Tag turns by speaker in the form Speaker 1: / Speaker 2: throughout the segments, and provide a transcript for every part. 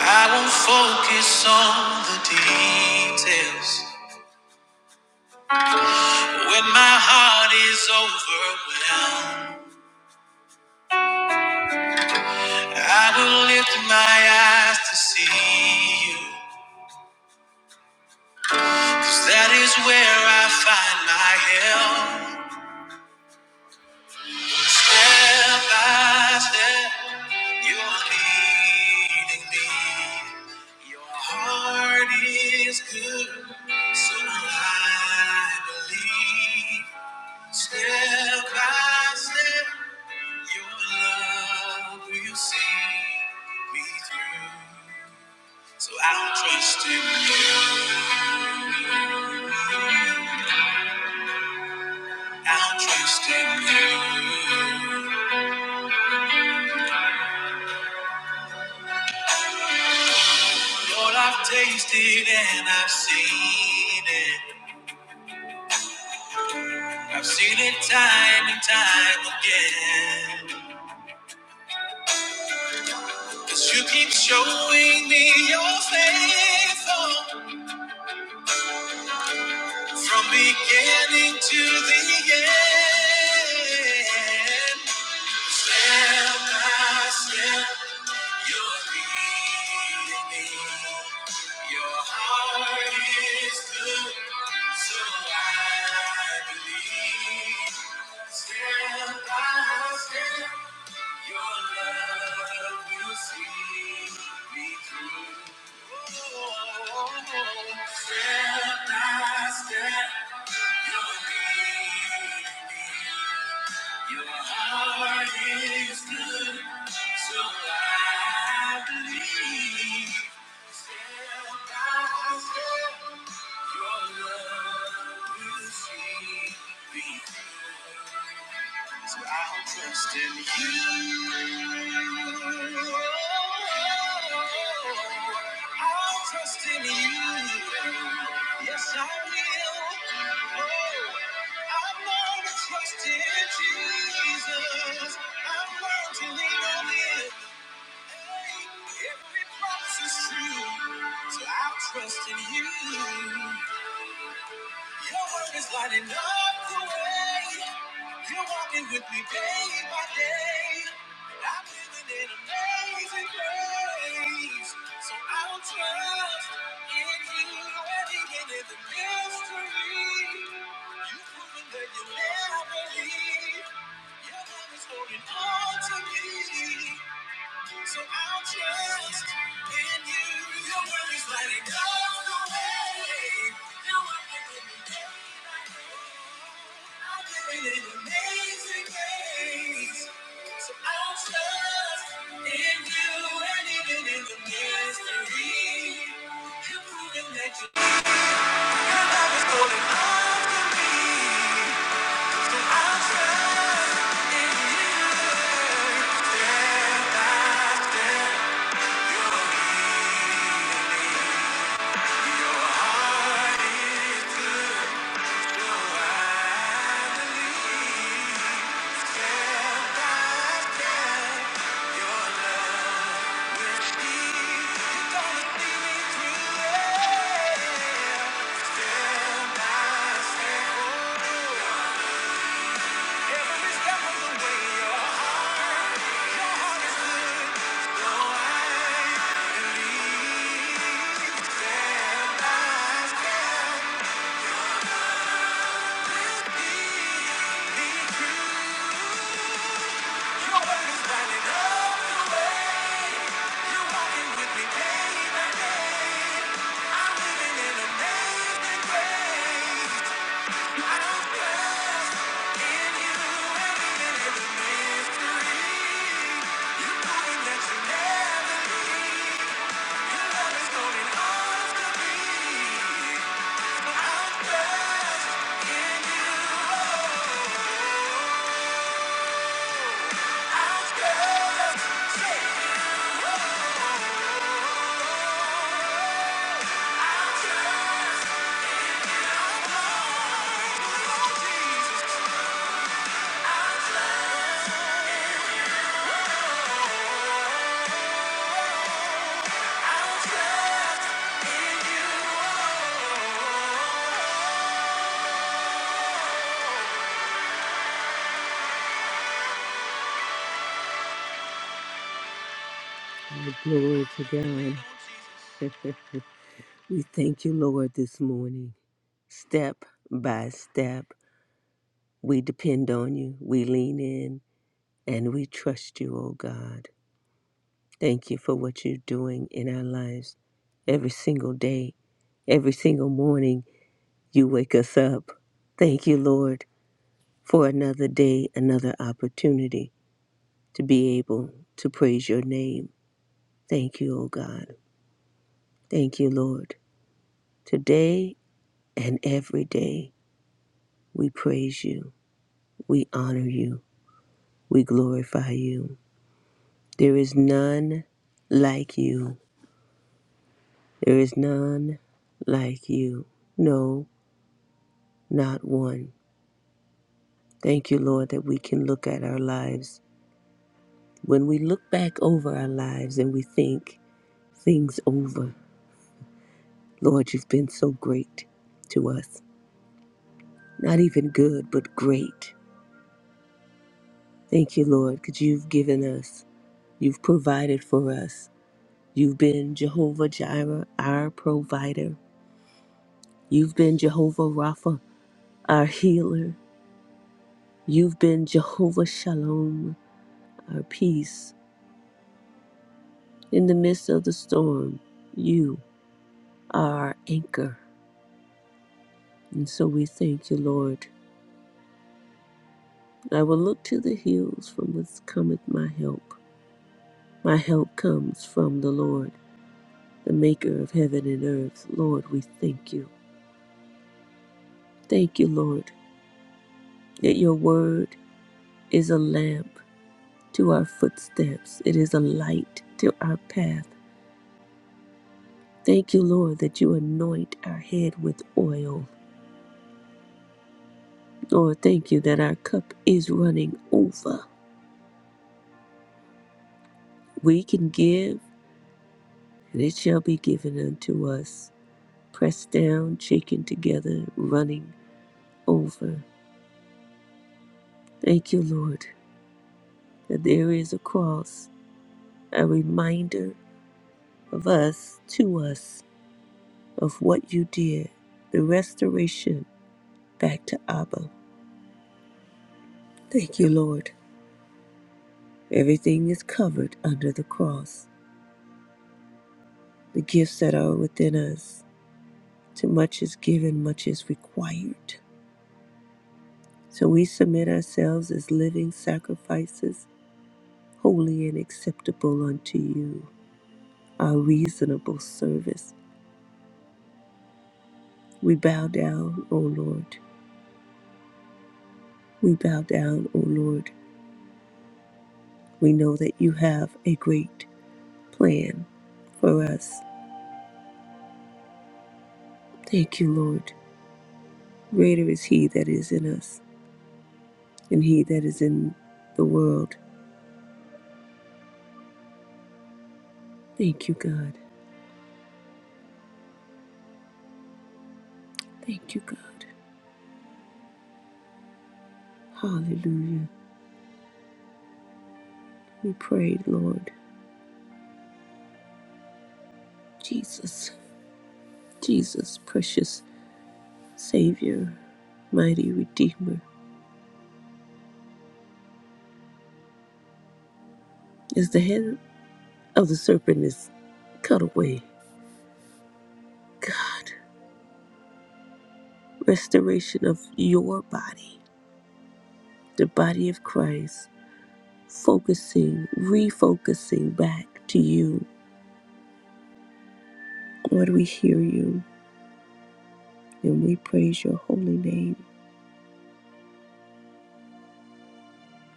Speaker 1: I won't focus on the details. When my heart is overwhelmed, I will lift my eyes to see You, 'cause that is where I find my help. Step by step, you're leading me. Your heart is good, so I believe. Step by step. Your love will see me through. So I'll trust in you. I'll trust in you. Lord, I've tasted and I've seen it. I've seen it time and time again. Cause you keep showing me you're faithful from beginning to the end. Step by step, you're leading me. Your heart is good, so I believe. Step by step, your love will see me through. Step by step, you're leading me. Your heart is good, so I believe. Step by step, your love will see me through. So I'll trust in you. I'll trust in you. Yes, I will. Oh, I've learned to trust in Jesus. I've learned to lean on Him. Hey, every promise is true. So I'll trust in you. Your word is lighting up the way. You're walking with me day by day. I'm living in amazing grace. So I'll trust in you and even in the mystery. You've proven that you never leave. Your love is holding on to me. So I'll trust in you. Your word is lighting up the way. You're working in me day by I'm living in amazing ways. So I'll trust in you. And even in the mystery, you're proving that you your love is holding on to me. So I'll trust in you. Yeah. Yeah. Glory to God. we thank you, Lord, this morning. Step by step, we depend on you, we lean in, and we trust you, oh God. Thank you for what you're doing in our lives every single day, every single morning. You wake us up. Thank you, Lord. for another day, another opportunity to be able to praise your name. Thank you, O God. Thank you, Lord. Today and every day, we praise you, we honor you, we glorify you. There is none like you. There is none like you. No, not one. Thank you, Lord, that we can look at our lives. When we look back over our lives and we think things over, Lord, you've been so great to us. Not even good, but great. Thank you, Lord, because you've given us, you've provided for us. You've been Jehovah Jireh, our provider. You've been Jehovah Rapha, our healer. You've been Jehovah Shalom, our peace. In the midst of the storm, you are our anchor. And so we thank you, Lord. I will look to the hills from whence cometh my help. My help comes from the Lord the maker of heaven and earth. Lord, we thank you. Thank you, Lord, that your word is a lamp to our footsteps, it is a light to our path. Thank you, Lord, that you anoint our head with oil. Lord, thank you that our cup is running over. We can give, and it shall be given unto us. Pressed down, shaken together, running over. Thank you, Lord, that there is a cross, a reminder of us to us of what you did, the restoration back to Abba. Thank you, Lord. Everything is covered under the cross. The gifts that are within us, to much is given, much is required. So we submit ourselves as living sacrifices, holy and acceptable unto you, our reasonable service. We bow down, O Lord. We bow down, O Lord. We know that you have a great plan for us. Thank you, Lord. Greater is He that is in us than He that is in the world. Thank you, God. Thank you, God. Hallelujah. We pray, Lord. Jesus, Jesus, precious Savior, mighty Redeemer, as the head of the serpent is cut away. God, restoration of your body, the body of Christ, focusing, refocusing back to you Lord, we hear you and we praise your holy name.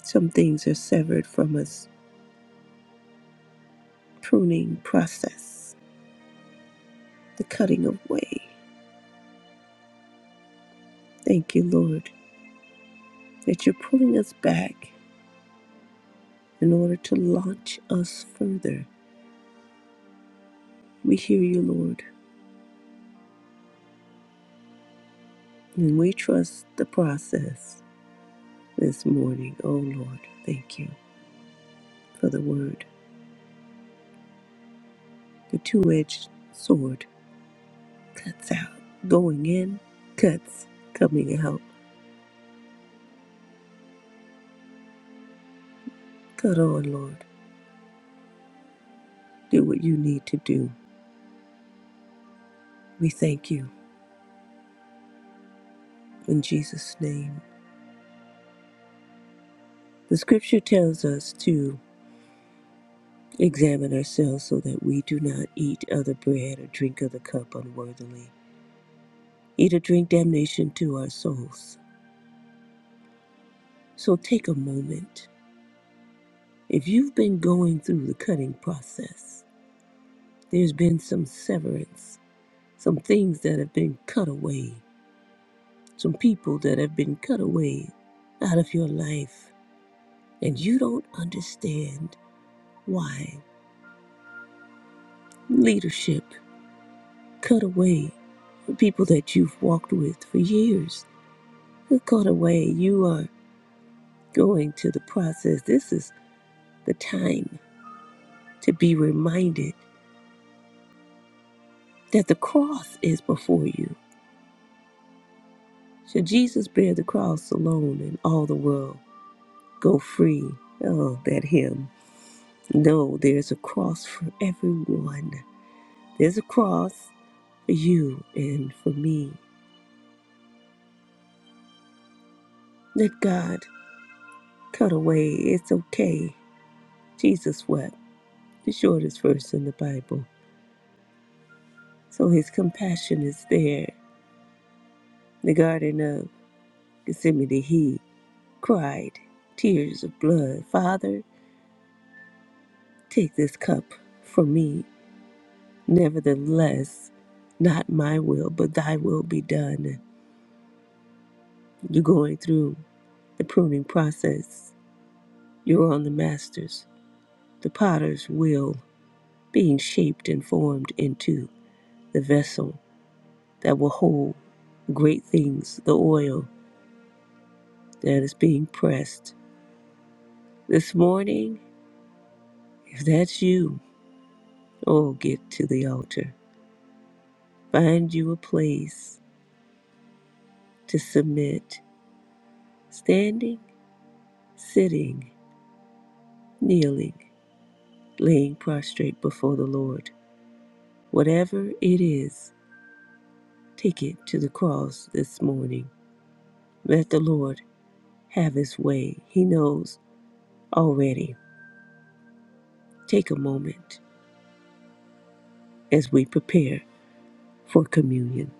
Speaker 1: Some things are severed from us, pruning process, the cutting away. Thank you, Lord, that you're pulling us back in order to launch us further. We hear you, Lord, and we trust the process this morning. Oh, Lord, thank you for the word. The two edged sword cuts out, going in, cuts, coming out. Cut on, Lord. do what you need to do. We thank you in Jesus' name. The scripture tells us to examine ourselves so that we do not eat other bread or drink other cup unworthily, eat or drink damnation to our souls. So take a moment. If you've been going through the cutting process, there's been some severance, some things that have been cut away, some people that have been cut away out of your life, and you don't understand why. Leadership cut away. People that you've walked with for years cut away. You are going to the process. This is the time to be reminded that the cross is before you. Should Jesus bear the cross alone and all the world go free? Oh, that hymn. No, there's a cross for everyone. There's a cross for you and for me. Let God cut away. It's okay. Jesus wept. the shortest verse in the Bible. So his compassion is there. In The Garden of Gethsemane, he cried, tears of blood, Father, take this cup from me. Nevertheless, not my will, but thy will be done. You're going through the pruning process. You're on the master's, the potter's will, being shaped and formed into the vessel that will hold great things, the oil that is being pressed This morning, if that's you, oh, get to the altar. Find you a place to submit, standing, sitting, kneeling, laying prostrate before the Lord. Whatever it is, take it to the cross this morning. Let the Lord have his way. He knows already. Take a moment as we prepare for communion.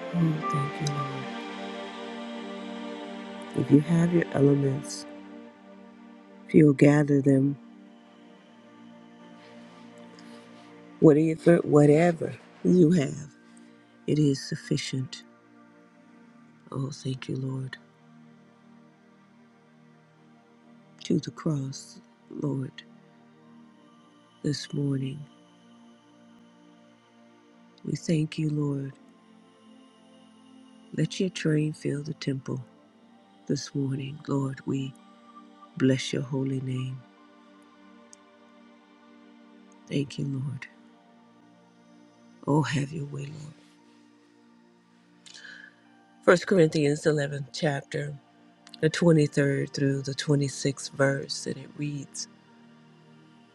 Speaker 1: Oh, thank you, Lord. If you have your elements, if you'll gather them Whatever, whatever you have, it is sufficient. Oh, thank you, Lord. To the cross, Lord, this morning. We thank you, Lord. Let your train fill the temple this morning. Lord, we bless your holy name. Thank you, Lord. Oh, have your way, Lord. First Corinthians eleventh chapter, the 23rd through the 26th verse, and it reads,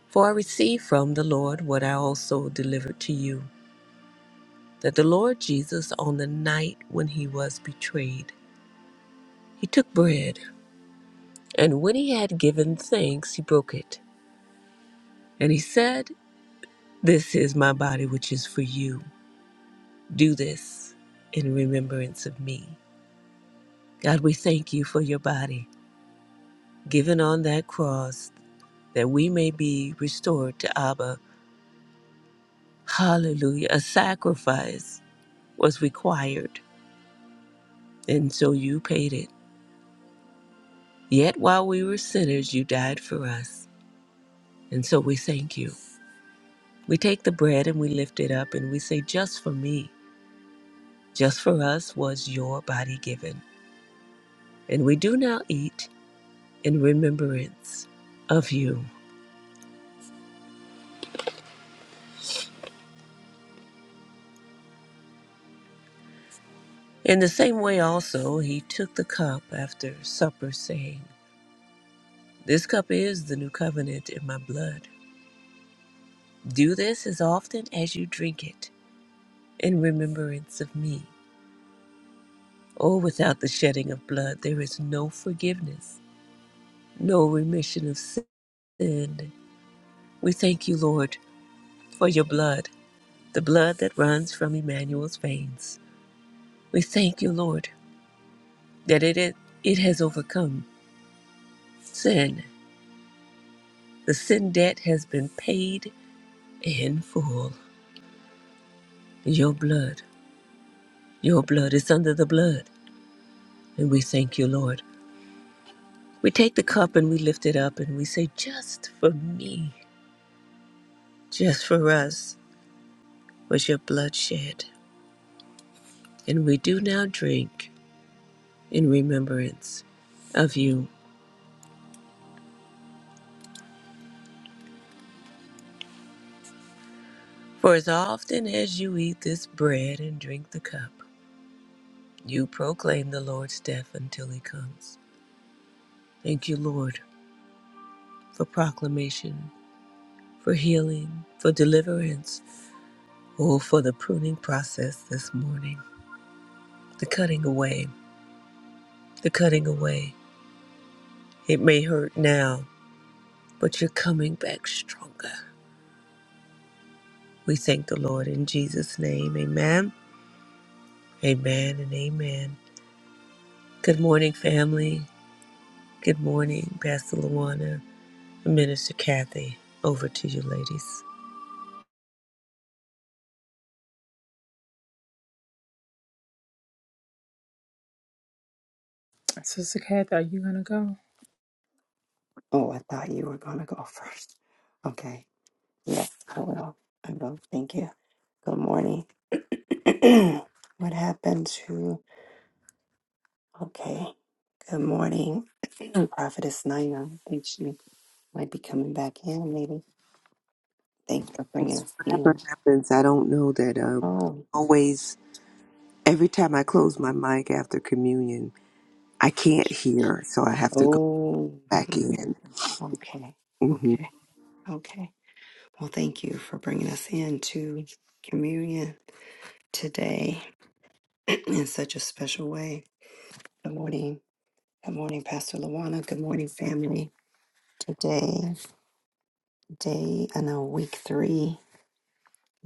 Speaker 1: For I received from the Lord what I also delivered to you that the Lord Jesus, on the night when he was betrayed, he took bread, and when he had given thanks, he broke it. And he said, This is my body, which is for you. Do this in remembrance of me. God, we thank you for your body given on that cross that we may be restored to Abba. Hallelujah. A sacrifice was required, and so you paid it. Yet while we were sinners, you died for us. And so we thank you. We take the bread and we lift it up and we say, Just for me, just for us was your body given. And we do now eat in remembrance of you. In the same way, also, he took the cup after supper, saying, This cup is the new covenant in my blood. Do this as often as you drink it in remembrance of me. Oh, without the shedding of blood, there is no forgiveness, no remission of sin. We thank you, Lord, for your blood. the blood that runs from Emmanuel's veins. We thank you, Lord, that it, it, it has overcome sin. The sin debt has been paid in full. Your blood, your blood is under the blood. And we thank you, Lord. We take the cup and we lift it up and we say, Just for me, just for us was your blood shed. And we do now drink in remembrance of you. For as often as you eat this bread and drink the cup, You proclaim the Lord's death until he comes. Thank you, Lord, for proclamation, for healing, for deliverance, oh, for the pruning process this morning, the cutting away, the cutting away. It may hurt now, but you're coming back stronger. We thank the Lord in Jesus' name. Amen, amen, and amen. Good morning, family. Good morning, Pastor Luana, and Minister Kathy. Over to you, ladies.
Speaker 2: Sister Kath, are you gonna go?
Speaker 3: Oh, I thought you were going to go first. Okay. Yes, I will. I will. Thank you. Good morning. what happened to. Okay. Good morning. Prophetess Nina. I think she might be coming back in, maybe. Thanks for bringing
Speaker 1: Yes,
Speaker 3: us
Speaker 1: whatever
Speaker 3: in.
Speaker 1: happens, I don't know that um
Speaker 3: Oh.
Speaker 1: always every time I close my mic after communion, I can't hear, so I have to go
Speaker 3: Oh.
Speaker 1: back in.
Speaker 3: Okay.
Speaker 1: hmm
Speaker 3: Okay. Okay. Well, thank you for bringing us in to communion today in such a special way. Good morning. Good morning, Pastor Luana. Good morning, family. Today, day, I know, week three,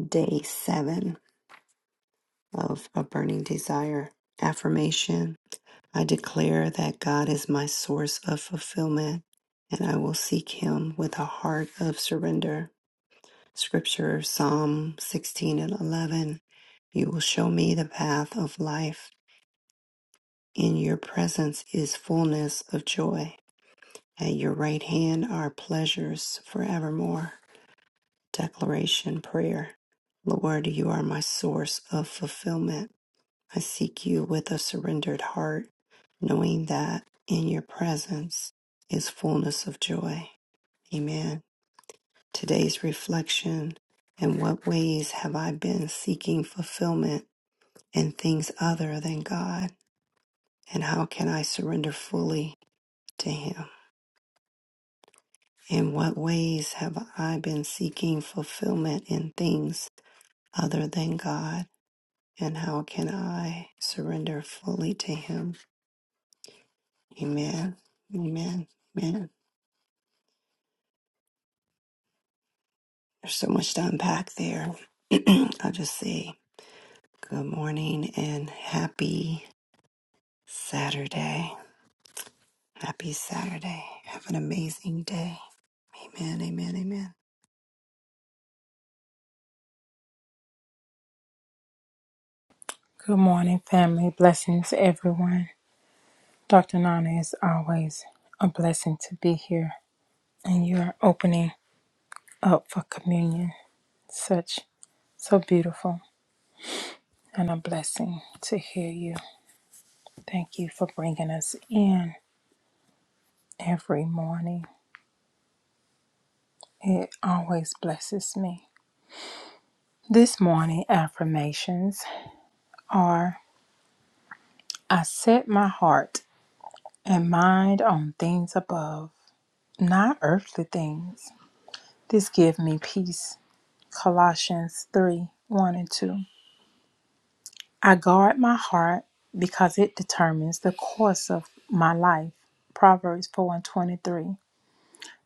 Speaker 3: day seven of a burning desire affirmation. I declare that God is my source of fulfillment and I will seek him with a heart of surrender. Scripture, Psalm 16 and 11. You will show me the path of life. In your presence is fullness of joy. At your right hand are pleasures forevermore. Declaration Prayer Lord, you are my source of fulfillment. I seek you with a surrendered heart, knowing that in your presence is fullness of joy. Amen. Today's reflection In what ways have I been seeking fulfillment in things other than God? And how can I surrender fully to Him? In what ways have I been seeking fulfillment in things other than God? And how can I surrender fully to Him? Amen. Amen. Amen. There's so much to unpack there. I'll just say good morning and happy Saturday. Happy Saturday. Have an amazing day. Amen. Amen. Amen.
Speaker 2: Good morning, family. Blessings, everyone. Dr. Nana is always a blessing to be here, and you are opening up for communion. Such so beautiful and a blessing to hear you. Thank you for bringing us in every morning. It always blesses me. This morning affirmations are I set my heart and mind on things above, not earthly things. This give me peace. Colossians 3 1 and 2. I guard my heart because it determines the course of my life. Proverbs 4 and 23.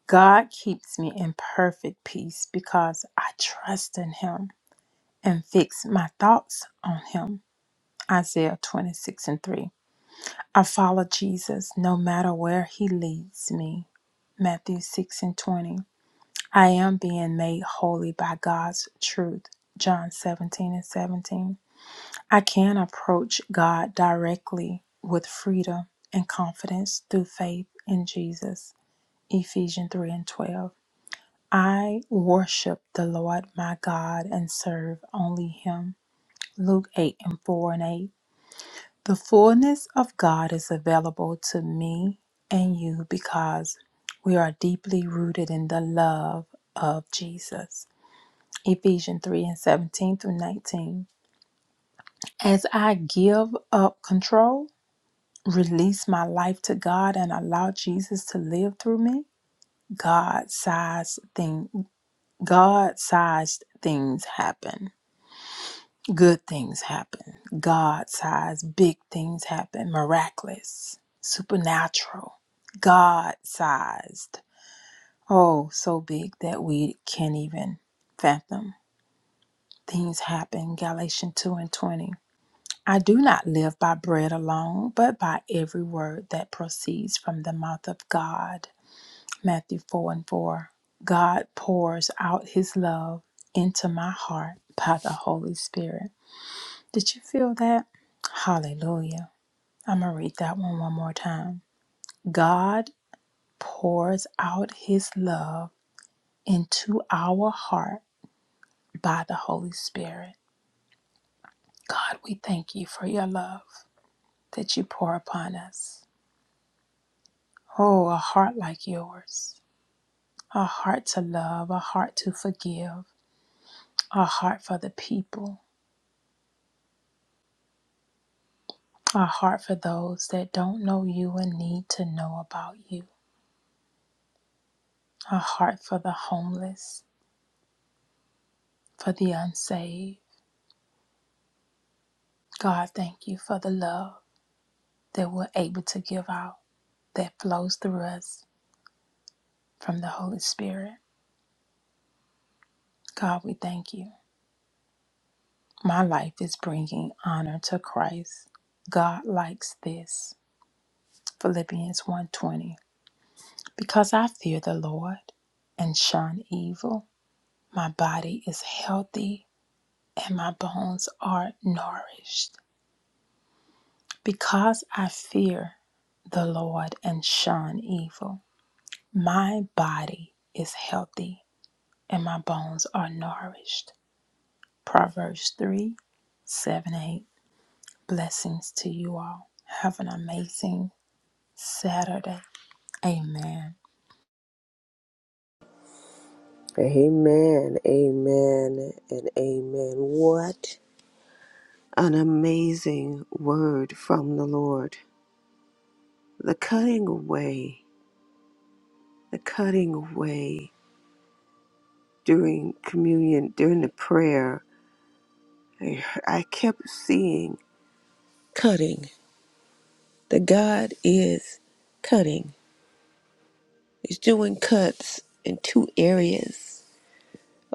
Speaker 2: God keeps me in perfect peace because I trust in Him and fix my thoughts on Him. Isaiah 26 and 3. I follow Jesus no matter where He leads me. Matthew 6 and 20. I am being made holy by God's truth. John 17 and 17. I can approach God directly with freedom and confidence through faith in Jesus. Ephesians 3 and 12. I worship the Lord my God and serve only Him. Luke 8 and 4 and 8. The fullness of God is available to me and you because we are deeply rooted in the love of Jesus. Ephesians 3 and 17 through 19. As I give up control, release my life to God and allow Jesus to live through me, God sized thing God sized things happen. Good things happen. God sized big things happen. Miraculous. Supernatural. God sized. Oh, so big that we can't even fathom. Things happen. Galatians 2 and 20. I do not live by bread alone, but by every word that proceeds from the mouth of God. Matthew 4 and 4. God pours out his love into my heart by the Holy Spirit. Did you feel that? Hallelujah. I'm going to read that one one more time. God pours out his love into our heart by the Holy Spirit. God, we thank you for your love that you pour upon us. Oh, a heart like yours, a heart to love, a heart to forgive, a heart for the people, a heart for those that don't know you and need to know about you, a heart for the homeless, for the unsaved. God, thank you for the love that we're able to give out that flows through us from the Holy Spirit. God, we thank you. My life is bringing honor to Christ. God likes this. Philippians one twenty. Because I fear the Lord and shun evil, my body is healthy and my bones are nourished. Because I fear the Lord and shun evil, my body is healthy and my bones are nourished. Proverbs 3, 7, eight. Blessings to you all. Have an amazing Saturday. Amen.
Speaker 1: Amen, amen, and amen. What? An amazing word from the Lord. The cutting away, the cutting away during communion, during the prayer, I I kept seeing cutting. That God is cutting. He's doing cuts in two areas.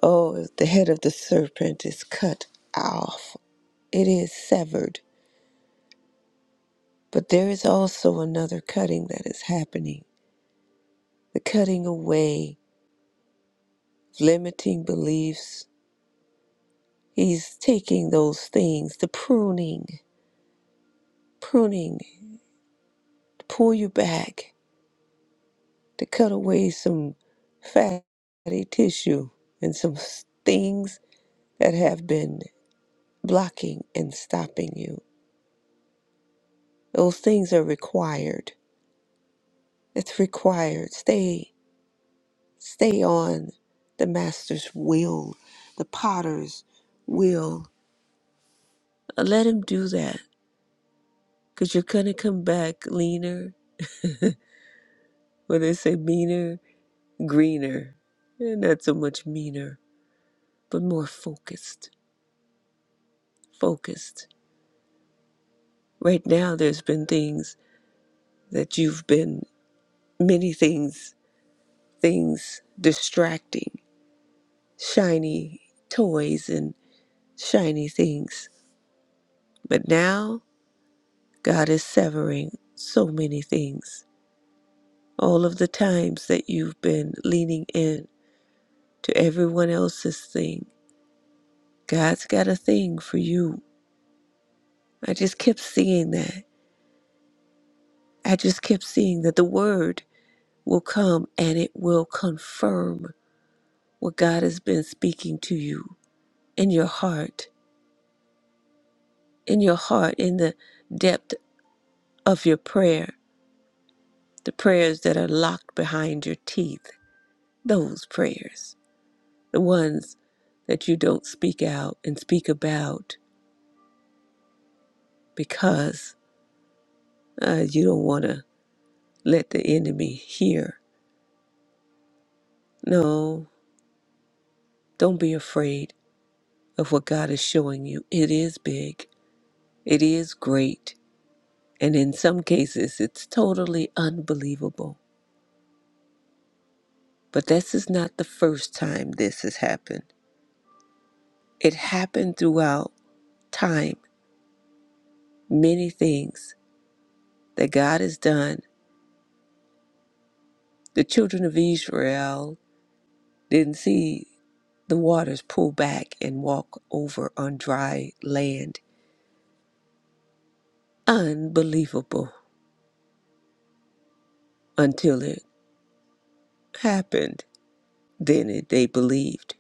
Speaker 1: Oh, if the head of the serpent is cut off. It is severed. But there is also another cutting that is happening the cutting away of limiting beliefs. He's taking those things, the pruning, pruning, to pull you back, to cut away some fatty tissue and some s- things that have been blocking and stopping you Those things are required. It's required. Stay stay on the master's will, the potter's will. Uh, Let him do that. Cause you're gonna come back leaner, when they say meaner, greener. Eh, Not so much meaner, but more focused. Focused. Right now there's been things that you've been many things things distracting. Shiny toys and shiny things But now God is severing so many things. All of the times that you've been leaning in to everyone else's thing, God's got a thing for you. I just kept seeing that. I just kept seeing that the word will come and it will confirm what God has been speaking to you in your heart, in your heart, in the depth of your prayer, the prayers that are locked behind your teeth, those prayers. the ones that you don't speak out and speak about because uh, you don't want to let the enemy hear. No, don't be afraid of what God is showing you. It is big, it is great, and in some cases, it's totally unbelievable. But this is not the first time this has happened. It happened throughout time. Many things that God has done. The children of Israel didn't see. The waters pull back and walk over on dry land. Unbelievable until it happened. Then it, they believed.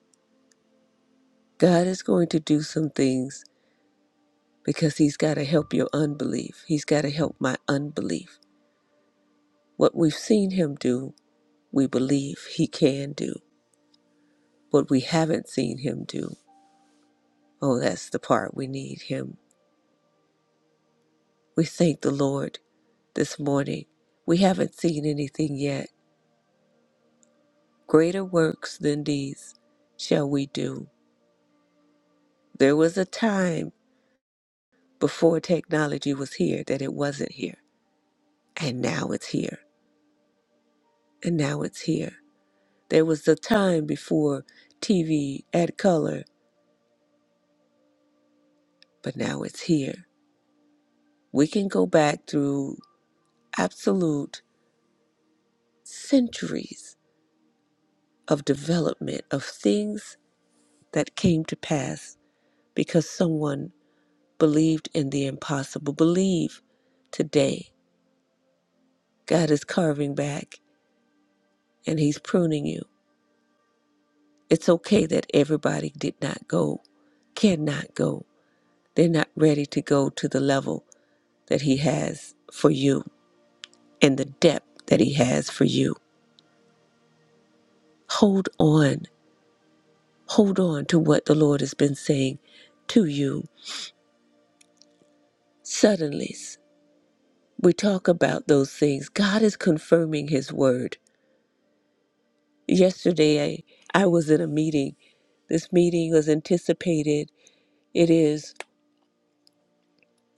Speaker 1: God is going to do some things because He's got to help your unbelief. He's got to help my unbelief. What we've seen Him do, we believe He can do. What we haven't seen Him do, oh, that's the part we need Him. We thank the Lord this morning. We haven't seen anything yet Greater works than these shall we do. There was a time before technology was here that it wasn't here, and now it's here, and now it's here. There was a time before TV had color, but now it's here. We can go back through absolute centuries of development of things that came to pass because someone believed in the impossible. Believe today. God is carving back. and He's pruning you. It's okay that everybody did not go, cannot go. They're not ready to go to the level that He has for you and the depth that He has for you. Hold on. Hold on to what the Lord has been saying to you. Suddenly, we talk about those things. God is confirming His word. Yesterday, I, I was in a meeting. This meeting was anticipated. It is.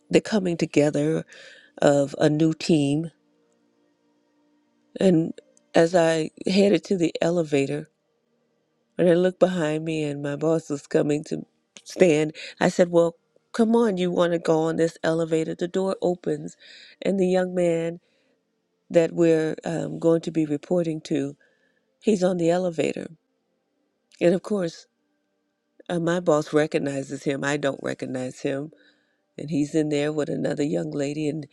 Speaker 1: the coming together of a new team. And as I headed to the elevator, and I looked behind me and my boss was coming to stand, I said, Well, come on, you want to go on this elevator? The door opens, and the young man that we're um, going to be reporting to, he's on the elevator. And of course, uh, my boss recognizes him. I don't recognize him. and he's in there with another young lady, and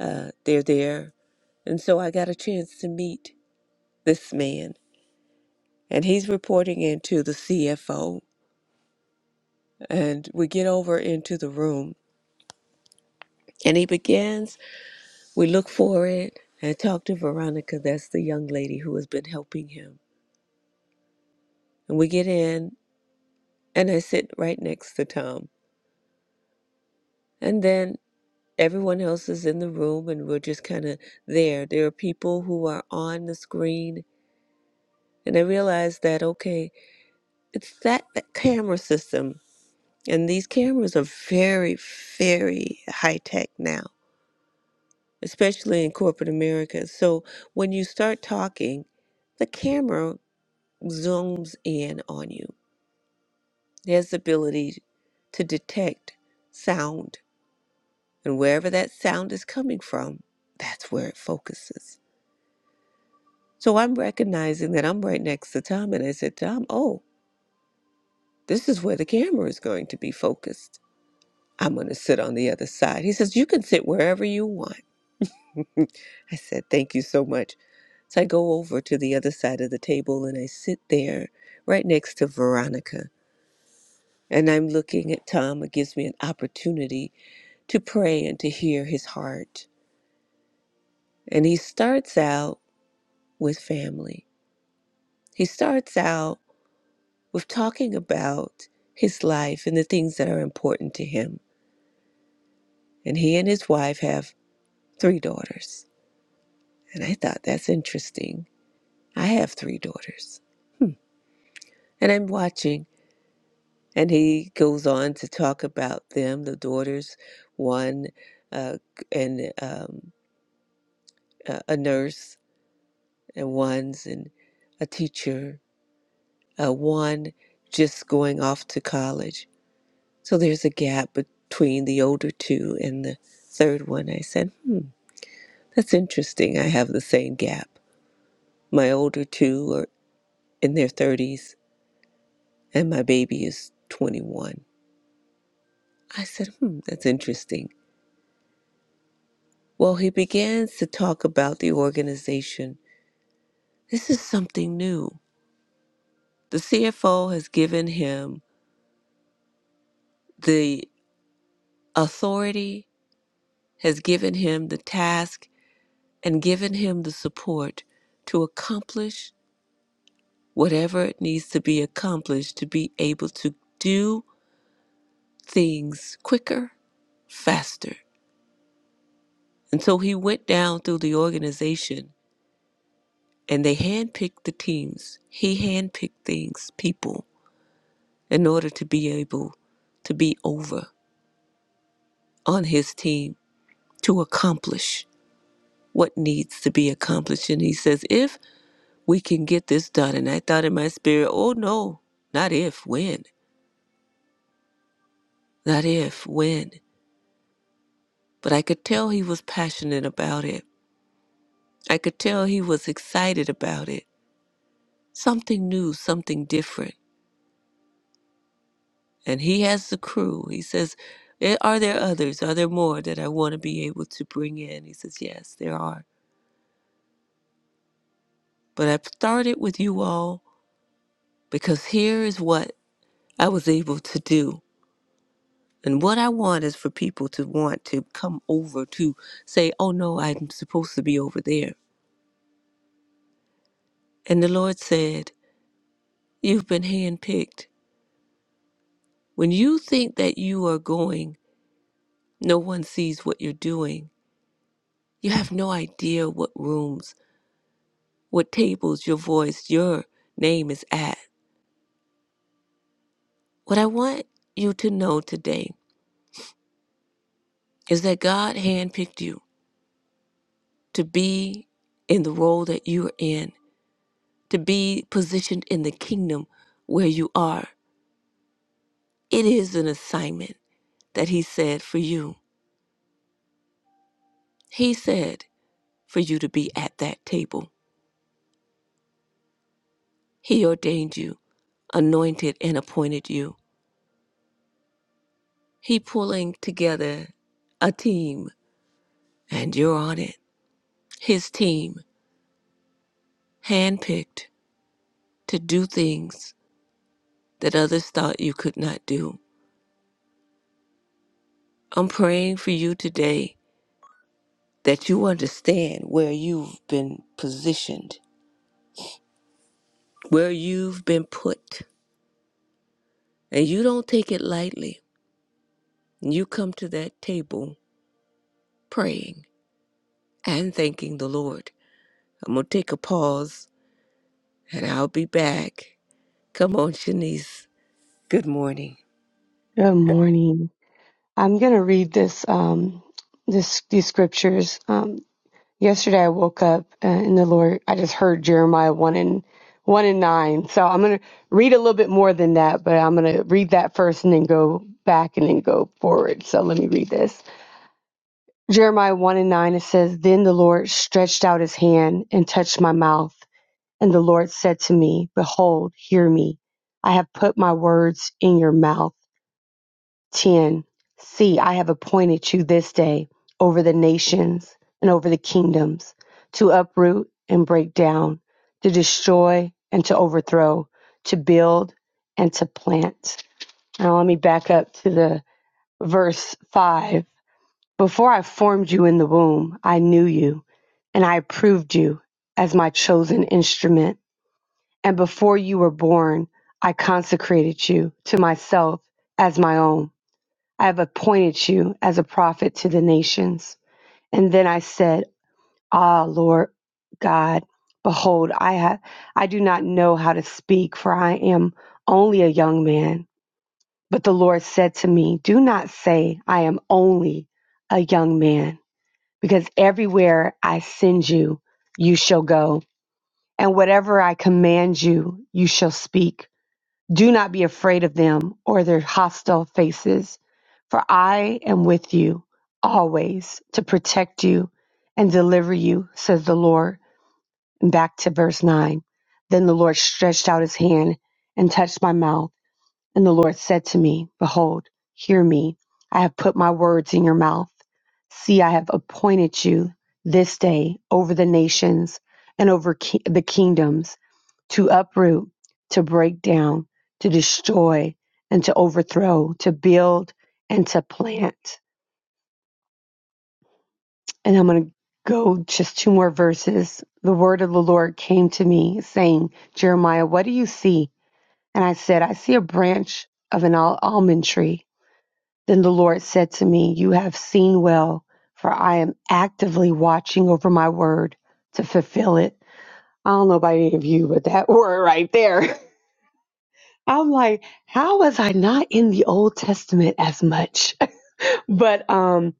Speaker 1: uh, they're there. And so I got a chance to meet this man, and he's reporting into the CFO. And we get over into the room, and he begins. We look for it and talk to Veronica. That's the young lady who has been helping him. And we get in, and I sit right next to Tom. And then everyone else is in the room, and we're just kind of there. There are people who are on the screen, and I realized that okay. it's that, that camera system and these cameras are very very high tech now especially in corporate america so when you start talking the camera zooms in on you there's the ability to detect sound and wherever that sound is coming from that's where it focuses so i'm recognizing that i'm right next to tom and i said tom oh this is where the camera is going to be focused I'm going to sit on the other side. He says, You can sit wherever you want. I said, Thank you so much. So I go over to the other side of the table and I sit there right next to Veronica. And I'm looking at Tom. It gives me an opportunity to pray and to hear his heart. And he starts out with family. He starts out with talking about his life and the things that are important to him. And he and his wife have three daughters. And I thought that's interesting I have three daughters. Hmm. And I'm watching, and he goes on to talk about them, the daughters, one uh, and um, a a nurse, and one's and a teacher, uh, one just going off to college. So there's a gap between the older two and the third one. I said, hmm, that's interesting. I have the same gap. My older two are in their 30s, and my baby is 21. I said, hmm, that's interesting. Well, he begins to talk about the organization. This is something new. The CFO has given him the authority, has given him the task, and given him the support to accomplish whatever it needs to be accomplished to be able to do things quicker, faster. And so he went down through the organization and they handpicked the teams. He handpicked things, people in order to be able to be over on his team to accomplish what needs to be accomplished. And he says, if we can get this done. And I thought in my spirit, oh no, not if, when, not if, when. But I could tell he was passionate about it. I could tell he was excited about it. Something new, something different. And he has the crew. He says, "Eh, Are there others? Are there more that I want to be able to bring in? He says, Yes, there are. But I've started with you all because here is what I was able to do. And what I want is for people to want to come over to say, oh no, I'm supposed to be over there. And the Lord said, You've been handpicked. When you think that you are going, no one sees what you're doing. You have no idea what rooms, what tables, your voice, your name is at. What I want you to know today is that God handpicked you. to be in the role that you're in, to be positioned in the kingdom where you are. It is an assignment that He said for you. He said for you to be at that table. He ordained you, anointed, and appointed you. He pulling together a team, and you're on it. His team, handpicked to do things that others thought you could not do. I'm praying for you today that you understand where you've been positioned, where you've been put, and you don't take it lightly. You come to that table praying and thanking the Lord. I'm going to take a pause and I'll be back. Come on, Shanice. Good morning.
Speaker 4: Good morning. I'm going to read this, um, this, these scriptures. Um, yesterday I woke up uh, and the Lord, I just heard Jeremiah 1 and 1 and 9. So I'm going to read a little bit more than that, but I'm going to read that first and then go back and then go forward. So let me read this. Jeremiah 1 and 9, it says, Then the Lord stretched out his hand and touched my mouth. And the Lord said to me, Behold, hear me. I have put my words in your mouth. 10. See, I have appointed you this day over the nations and over the kingdoms to uproot and break down, to destroy and to overthrow, to build and to plant. Now, let me back up to the verse 5. Before I formed you in the womb, I knew you, and I approved you as my chosen instrument. And before you were born, I consecrated you to myself as my own. I have appointed you as a prophet to the nations. And then I said, Ah, Lord God, behold, I have, I do not know how to speak, for I am only a young man. But the Lord said to me, Do not say, I am only a young man, because everywhere I send you, you shall go, and whatever I command you, you shall speak. Do not be afraid of them or their hostile faces, for I am with you always to protect you and deliver you, says the Lord. And back to verse 9. Then the Lord stretched out his hand and touched my mouth. And the Lord said to me, Behold, hear me. I have put my words in your mouth. See, I have appointed you this day over the nations and over ki- the kingdoms to uproot, to break down, to destroy, and to overthrow, to build, and to plant. And I'm going to go just two more verses. The word of the Lord came to me saying, Jeremiah, what do you see? And I said, I see a branch of an al- almond tree. Then the Lord said to me, You have seen well, for I am actively watching over my word to fulfill it. I don't know about any of you, but that word right there. I'm like, how was I not in the Old Testament as much? But um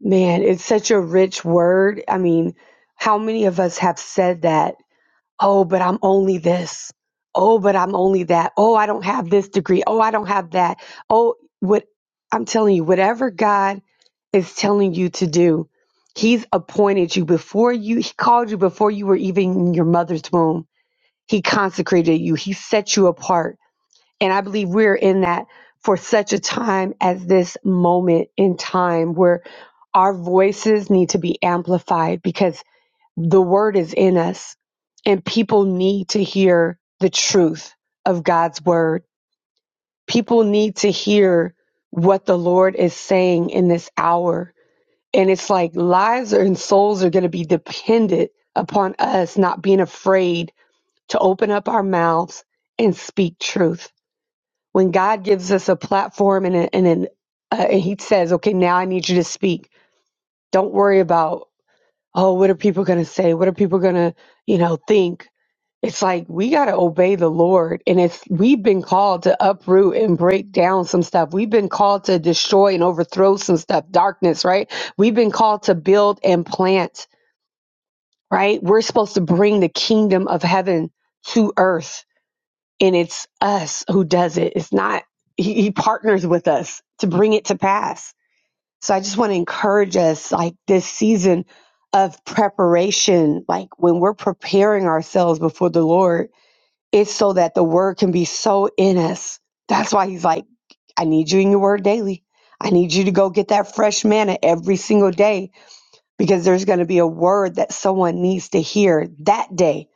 Speaker 4: man, it's such a rich word. I mean, how many of us have said that Oh, but I'm only this. Oh, but I'm only that. Oh, I don't have this degree. Oh, I don't have that. Oh, what I'm telling you, whatever God is telling you to do, He's appointed you before you, He called you before you were even in your mother's womb. He consecrated you, He set you apart. And I believe we're in that for such a time as this moment in time where our voices need to be amplified because the word is in us, and people need to hear the truth of God's word. People need to hear what the Lord is saying in this hour. And it's like lives and souls are going to be dependent upon us not being afraid to open up our mouths and speak truth. When God gives us a platform and, a, and an uh, and he says, okay, now I need you to speak. Don't worry about, oh, what are people going to say? What are people going to, you know, think? it's like we got to obey the Lord. And it's we've been called to uproot and break down some stuff. We've been called to destroy and overthrow some stuff, darkness, right? We've been called to build and plant, right? We're supposed to bring the kingdom of heaven to earth. And it's us who does it. It's not, he, he partners with us to bring it to pass. So I just want to encourage us like this season of preparation, like when we're preparing ourselves before the Lord it's so that the word can be so in us. That's why he's like, I need you in your word daily. I need you to go get that fresh manna every single day because there's going to be a word that someone needs to hear that day.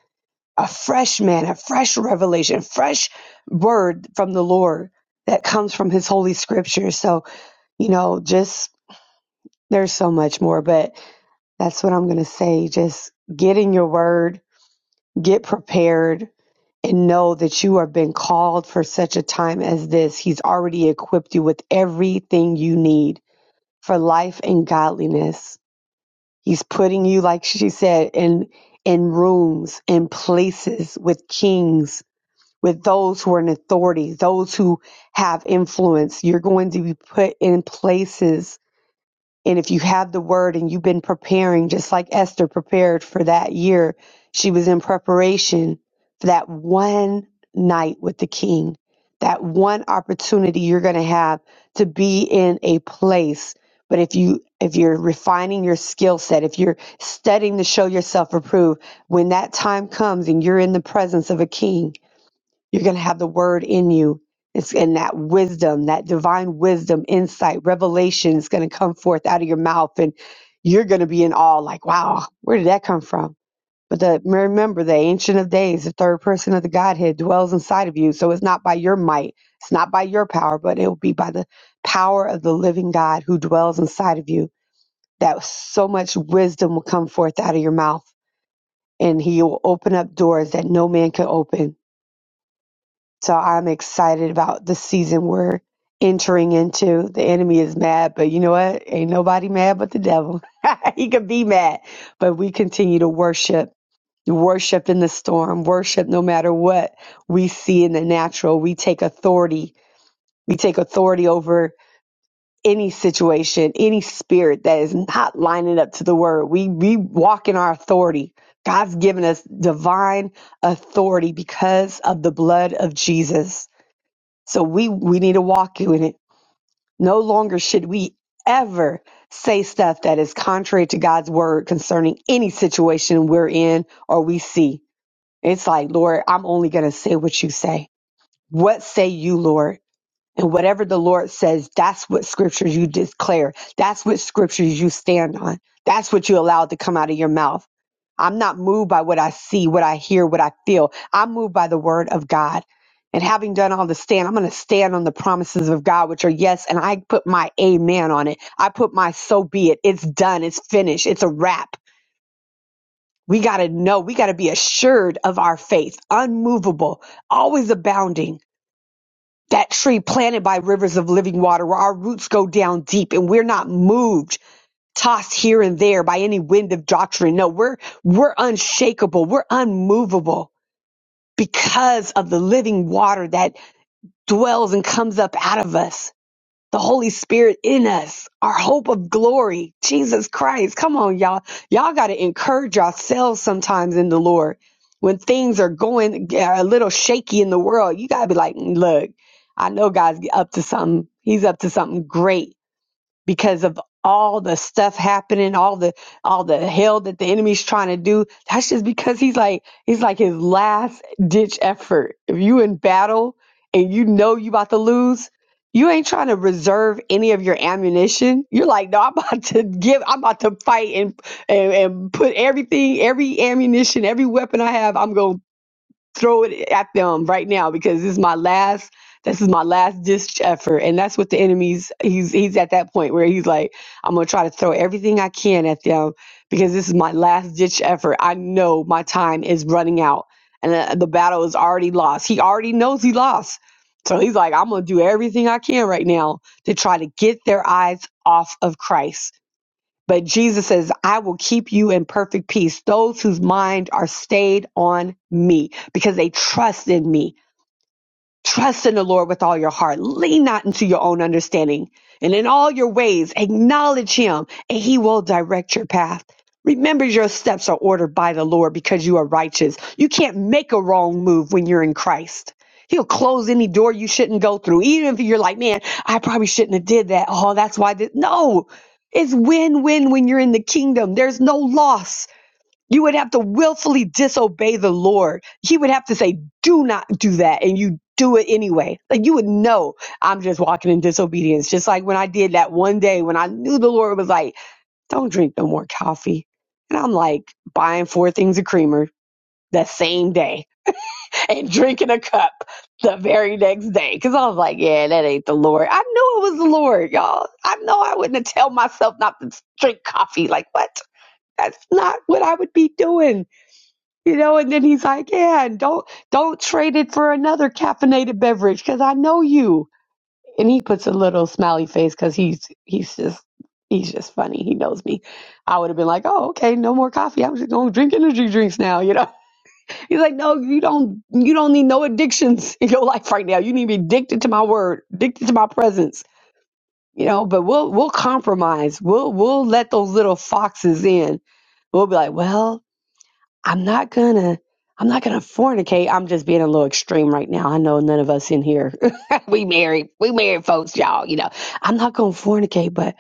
Speaker 4: A fresh manna, fresh revelation, fresh word from the Lord that comes from his holy scripture. So, you know, just there's so much more, but that's what I'm going to say. Just get in your word, get prepared, and know that you have been called for such a time as this. He's already equipped you with everything you need for life and godliness. He's putting you, like she said, in in rooms and places with kings, with those who are in authority, those who have influence. You're going to be put in places and if you have the word and you've been preparing, just like Esther prepared for that year, she was in preparation for that one night with the king, that one opportunity you're going to have to be in a place. But if you if you're refining your skill set, if you're studying to show yourself approved, when that time comes and you're in the presence of a king, you're going to have the word in you. It's in that wisdom, that divine wisdom, insight, revelation is going to come forth out of your mouth. And you're going to be in awe, like, wow, where did that come from? But the, remember, the Ancient of Days, the third person of the Godhead dwells inside of you. So it's not by your might, it's not by your power, but it will be by the power of the living God who dwells inside of you. That so much wisdom will come forth out of your mouth, and he will open up doors that no man can open so I'm excited about the season we're entering into. The enemy is mad, but you know what? Ain't nobody mad but the devil. he could be mad, but we continue to worship. Worship in the storm, worship no matter what we see in the natural. We take authority. We take authority over any situation, any spirit that is not lining up to the word. We, we walk in our authority. God's given us divine authority because of the blood of Jesus. So we we need to walk in it. No longer should we ever say stuff that is contrary to God's word concerning any situation we're in or we see. It's like, Lord, I'm only going to say what you say. What say you, Lord? And whatever the Lord says, that's what scriptures you declare. That's what scriptures you stand on. That's what you allow to come out of your mouth. I'm not moved by what I see, what I hear, what I feel. I'm moved by the word of God. And having done all the stand, I'm going to stand on the promises of God, which are yes. And I put my amen on it. I put my so be it. It's done. It's finished. It's a wrap. We got to know. We got to be assured of our faith, unmovable, always abounding that tree planted by rivers of living water where our roots go down deep and we're not moved tossed here and there by any wind of doctrine no we're we're unshakable we're unmovable because of the living water that dwells and comes up out of us the Holy Spirit in us, our hope of glory, Jesus Christ. Come on, y'all. Y'all got to encourage yourselves sometimes in the Lord. When things are going a little shaky in the world, you got to be like, look, I know God's up to something. He's up to something great because of all the stuff happening, all the all the hell that the enemy's trying to do. That's just because he's like he's like his last ditch effort. If you in battle and you know you about to lose, you ain't trying to reserve any of your ammunition. You're like, no, I'm about to give, I'm about to fight and and, and put everything, every ammunition, every weapon I have, I'm gonna throw it at them right now because this is my last this is my last ditch effort and that's what the enemy's he's he's at that point where he's like i'm gonna try to throw everything i can at them because this is my last ditch effort i know my time is running out and uh, the battle is already lost he already knows he lost so he's like i'm gonna do everything i can right now to try to get their eyes off of christ but Jesus says, I will keep you in perfect peace, those whose mind are stayed on me because they trust in me. Trust in the Lord with all your heart. Lean not into your own understanding. And in all your ways, acknowledge him, and he will direct your path. Remember, your steps are ordered by the Lord because you are righteous. You can't make a wrong move when you're in Christ. He'll close any door you shouldn't go through, even if you're like, man, I probably shouldn't have did that. Oh, that's why I did. No, it's win-win when you're in the kingdom. There's no loss. You would have to willfully disobey the Lord. He would have to say, do not do that. And you do it anyway. Like you would know I'm just walking in disobedience. Just like when I did that one day when I knew the Lord was like, don't drink no more coffee. And I'm like buying four things of creamer that same day and drinking a cup the very next day. Cause I was like, yeah, that ain't the Lord. I knew it was the Lord, y'all. I know I wouldn't have tell myself not to drink coffee. Like what? That's not what I would be doing. You know, and then he's like, "Yeah, and don't don't trade it for another caffeinated beverage because I know you." And he puts a little smiley face because he's he's just he's just funny. He knows me. I would have been like, "Oh, okay, no more coffee. I'm just gonna drink energy drinks now." You know, he's like, "No, you don't you don't need no addictions in your life right now. You need to be addicted to my word, addicted to my presence." You know, but we'll we'll compromise. We'll we'll let those little foxes in. We'll be like, "Well." I'm not gonna I'm not gonna fornicate. I'm just being a little extreme right now. I know none of us in here we married we married folks, y'all, you know. I'm not gonna fornicate, but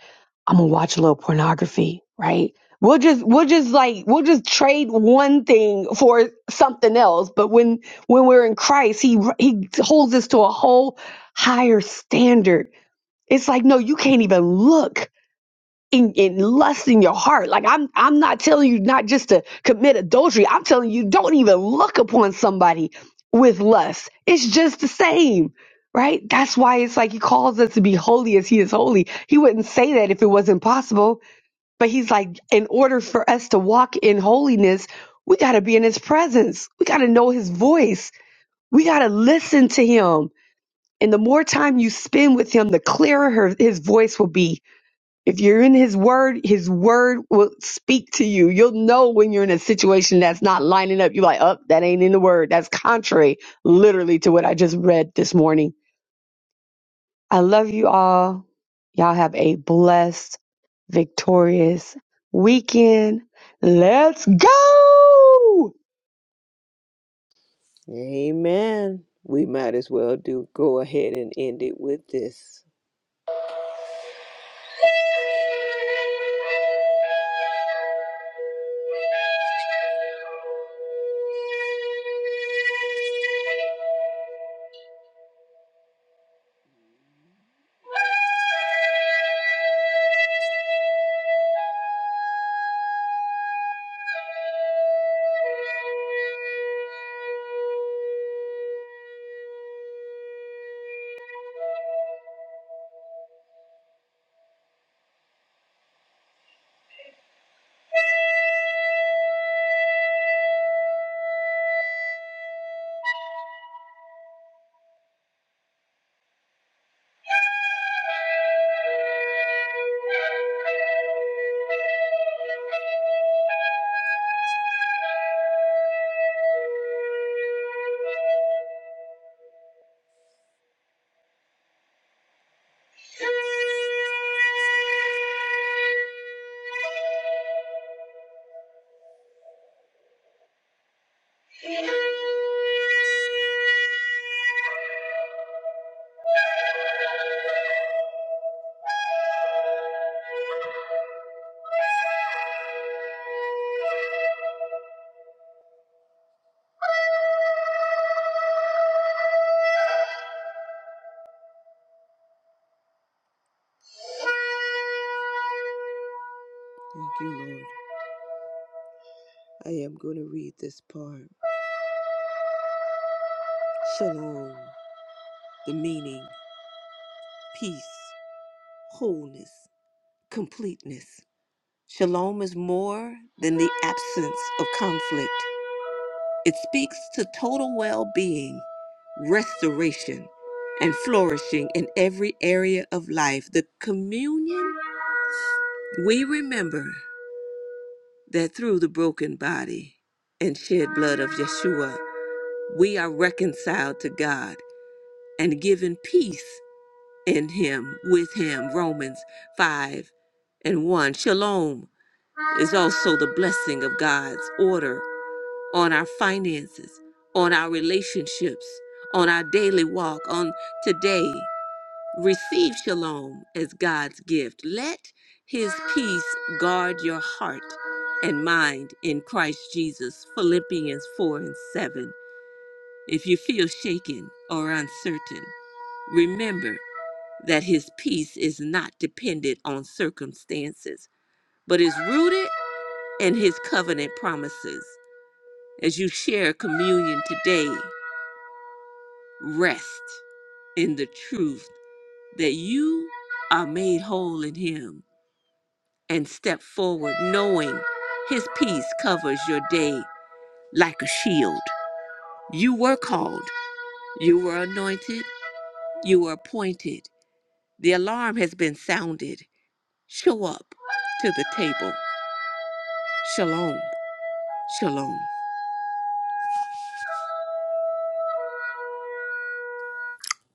Speaker 4: I'm gonna watch a little pornography, right? We'll just we'll just like we'll just trade one thing for something else. But when when we're in Christ, he he holds us to a whole higher standard. It's like no, you can't even look in, in lust in your heart. Like I'm I'm not telling you not just to commit adultery. I'm telling you don't even look upon somebody with lust. It's just the same. Right? That's why it's like he calls us to be holy as he is holy. He wouldn't say that if it wasn't possible. But he's like, in order for us to walk in holiness, we got to be in his presence. We got to know his voice. We got to listen to him. And the more time you spend with him, the clearer her, his voice will be if you're in his word, his word will speak to you. You'll know when you're in a situation that's not lining up. You're like, oh, that ain't in the word. That's contrary literally to what I just read this morning. I love you all. Y'all have a blessed, victorious weekend. Let's go.
Speaker 1: Amen. We might as well do go ahead and end it with this. Thank you, Lord. I am going to read this part. Shalom, the meaning, peace, wholeness, completeness. Shalom is more than the absence of conflict, it speaks to total well being, restoration, and flourishing in every area of life. The communion, we remember that through the broken body and shed blood of Yeshua, we are reconciled to God and given peace in Him, with Him. Romans 5 and 1. Shalom is also the blessing of God's order on our finances, on our relationships, on our daily walk, on today. Receive shalom as God's gift. Let his peace guard your heart and mind in Christ Jesus. Philippians 4 and 7. If you feel shaken or uncertain, remember that his peace is not dependent on circumstances, but is rooted in his covenant promises. As you share communion today, Rest in the truth that you are made whole in Him and step forward knowing His peace covers your day like a shield. You were called, you were anointed, you were appointed. The alarm has been sounded. Show up to the table. Shalom, shalom.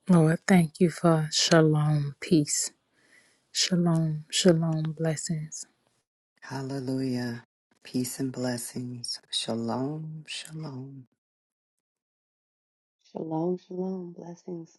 Speaker 2: Lord, thank you for shalom, peace Shalom, shalom, blessings.
Speaker 3: Hallelujah. Peace and blessings. Shalom. Shalom.
Speaker 4: Shalom, shalom. Blessings.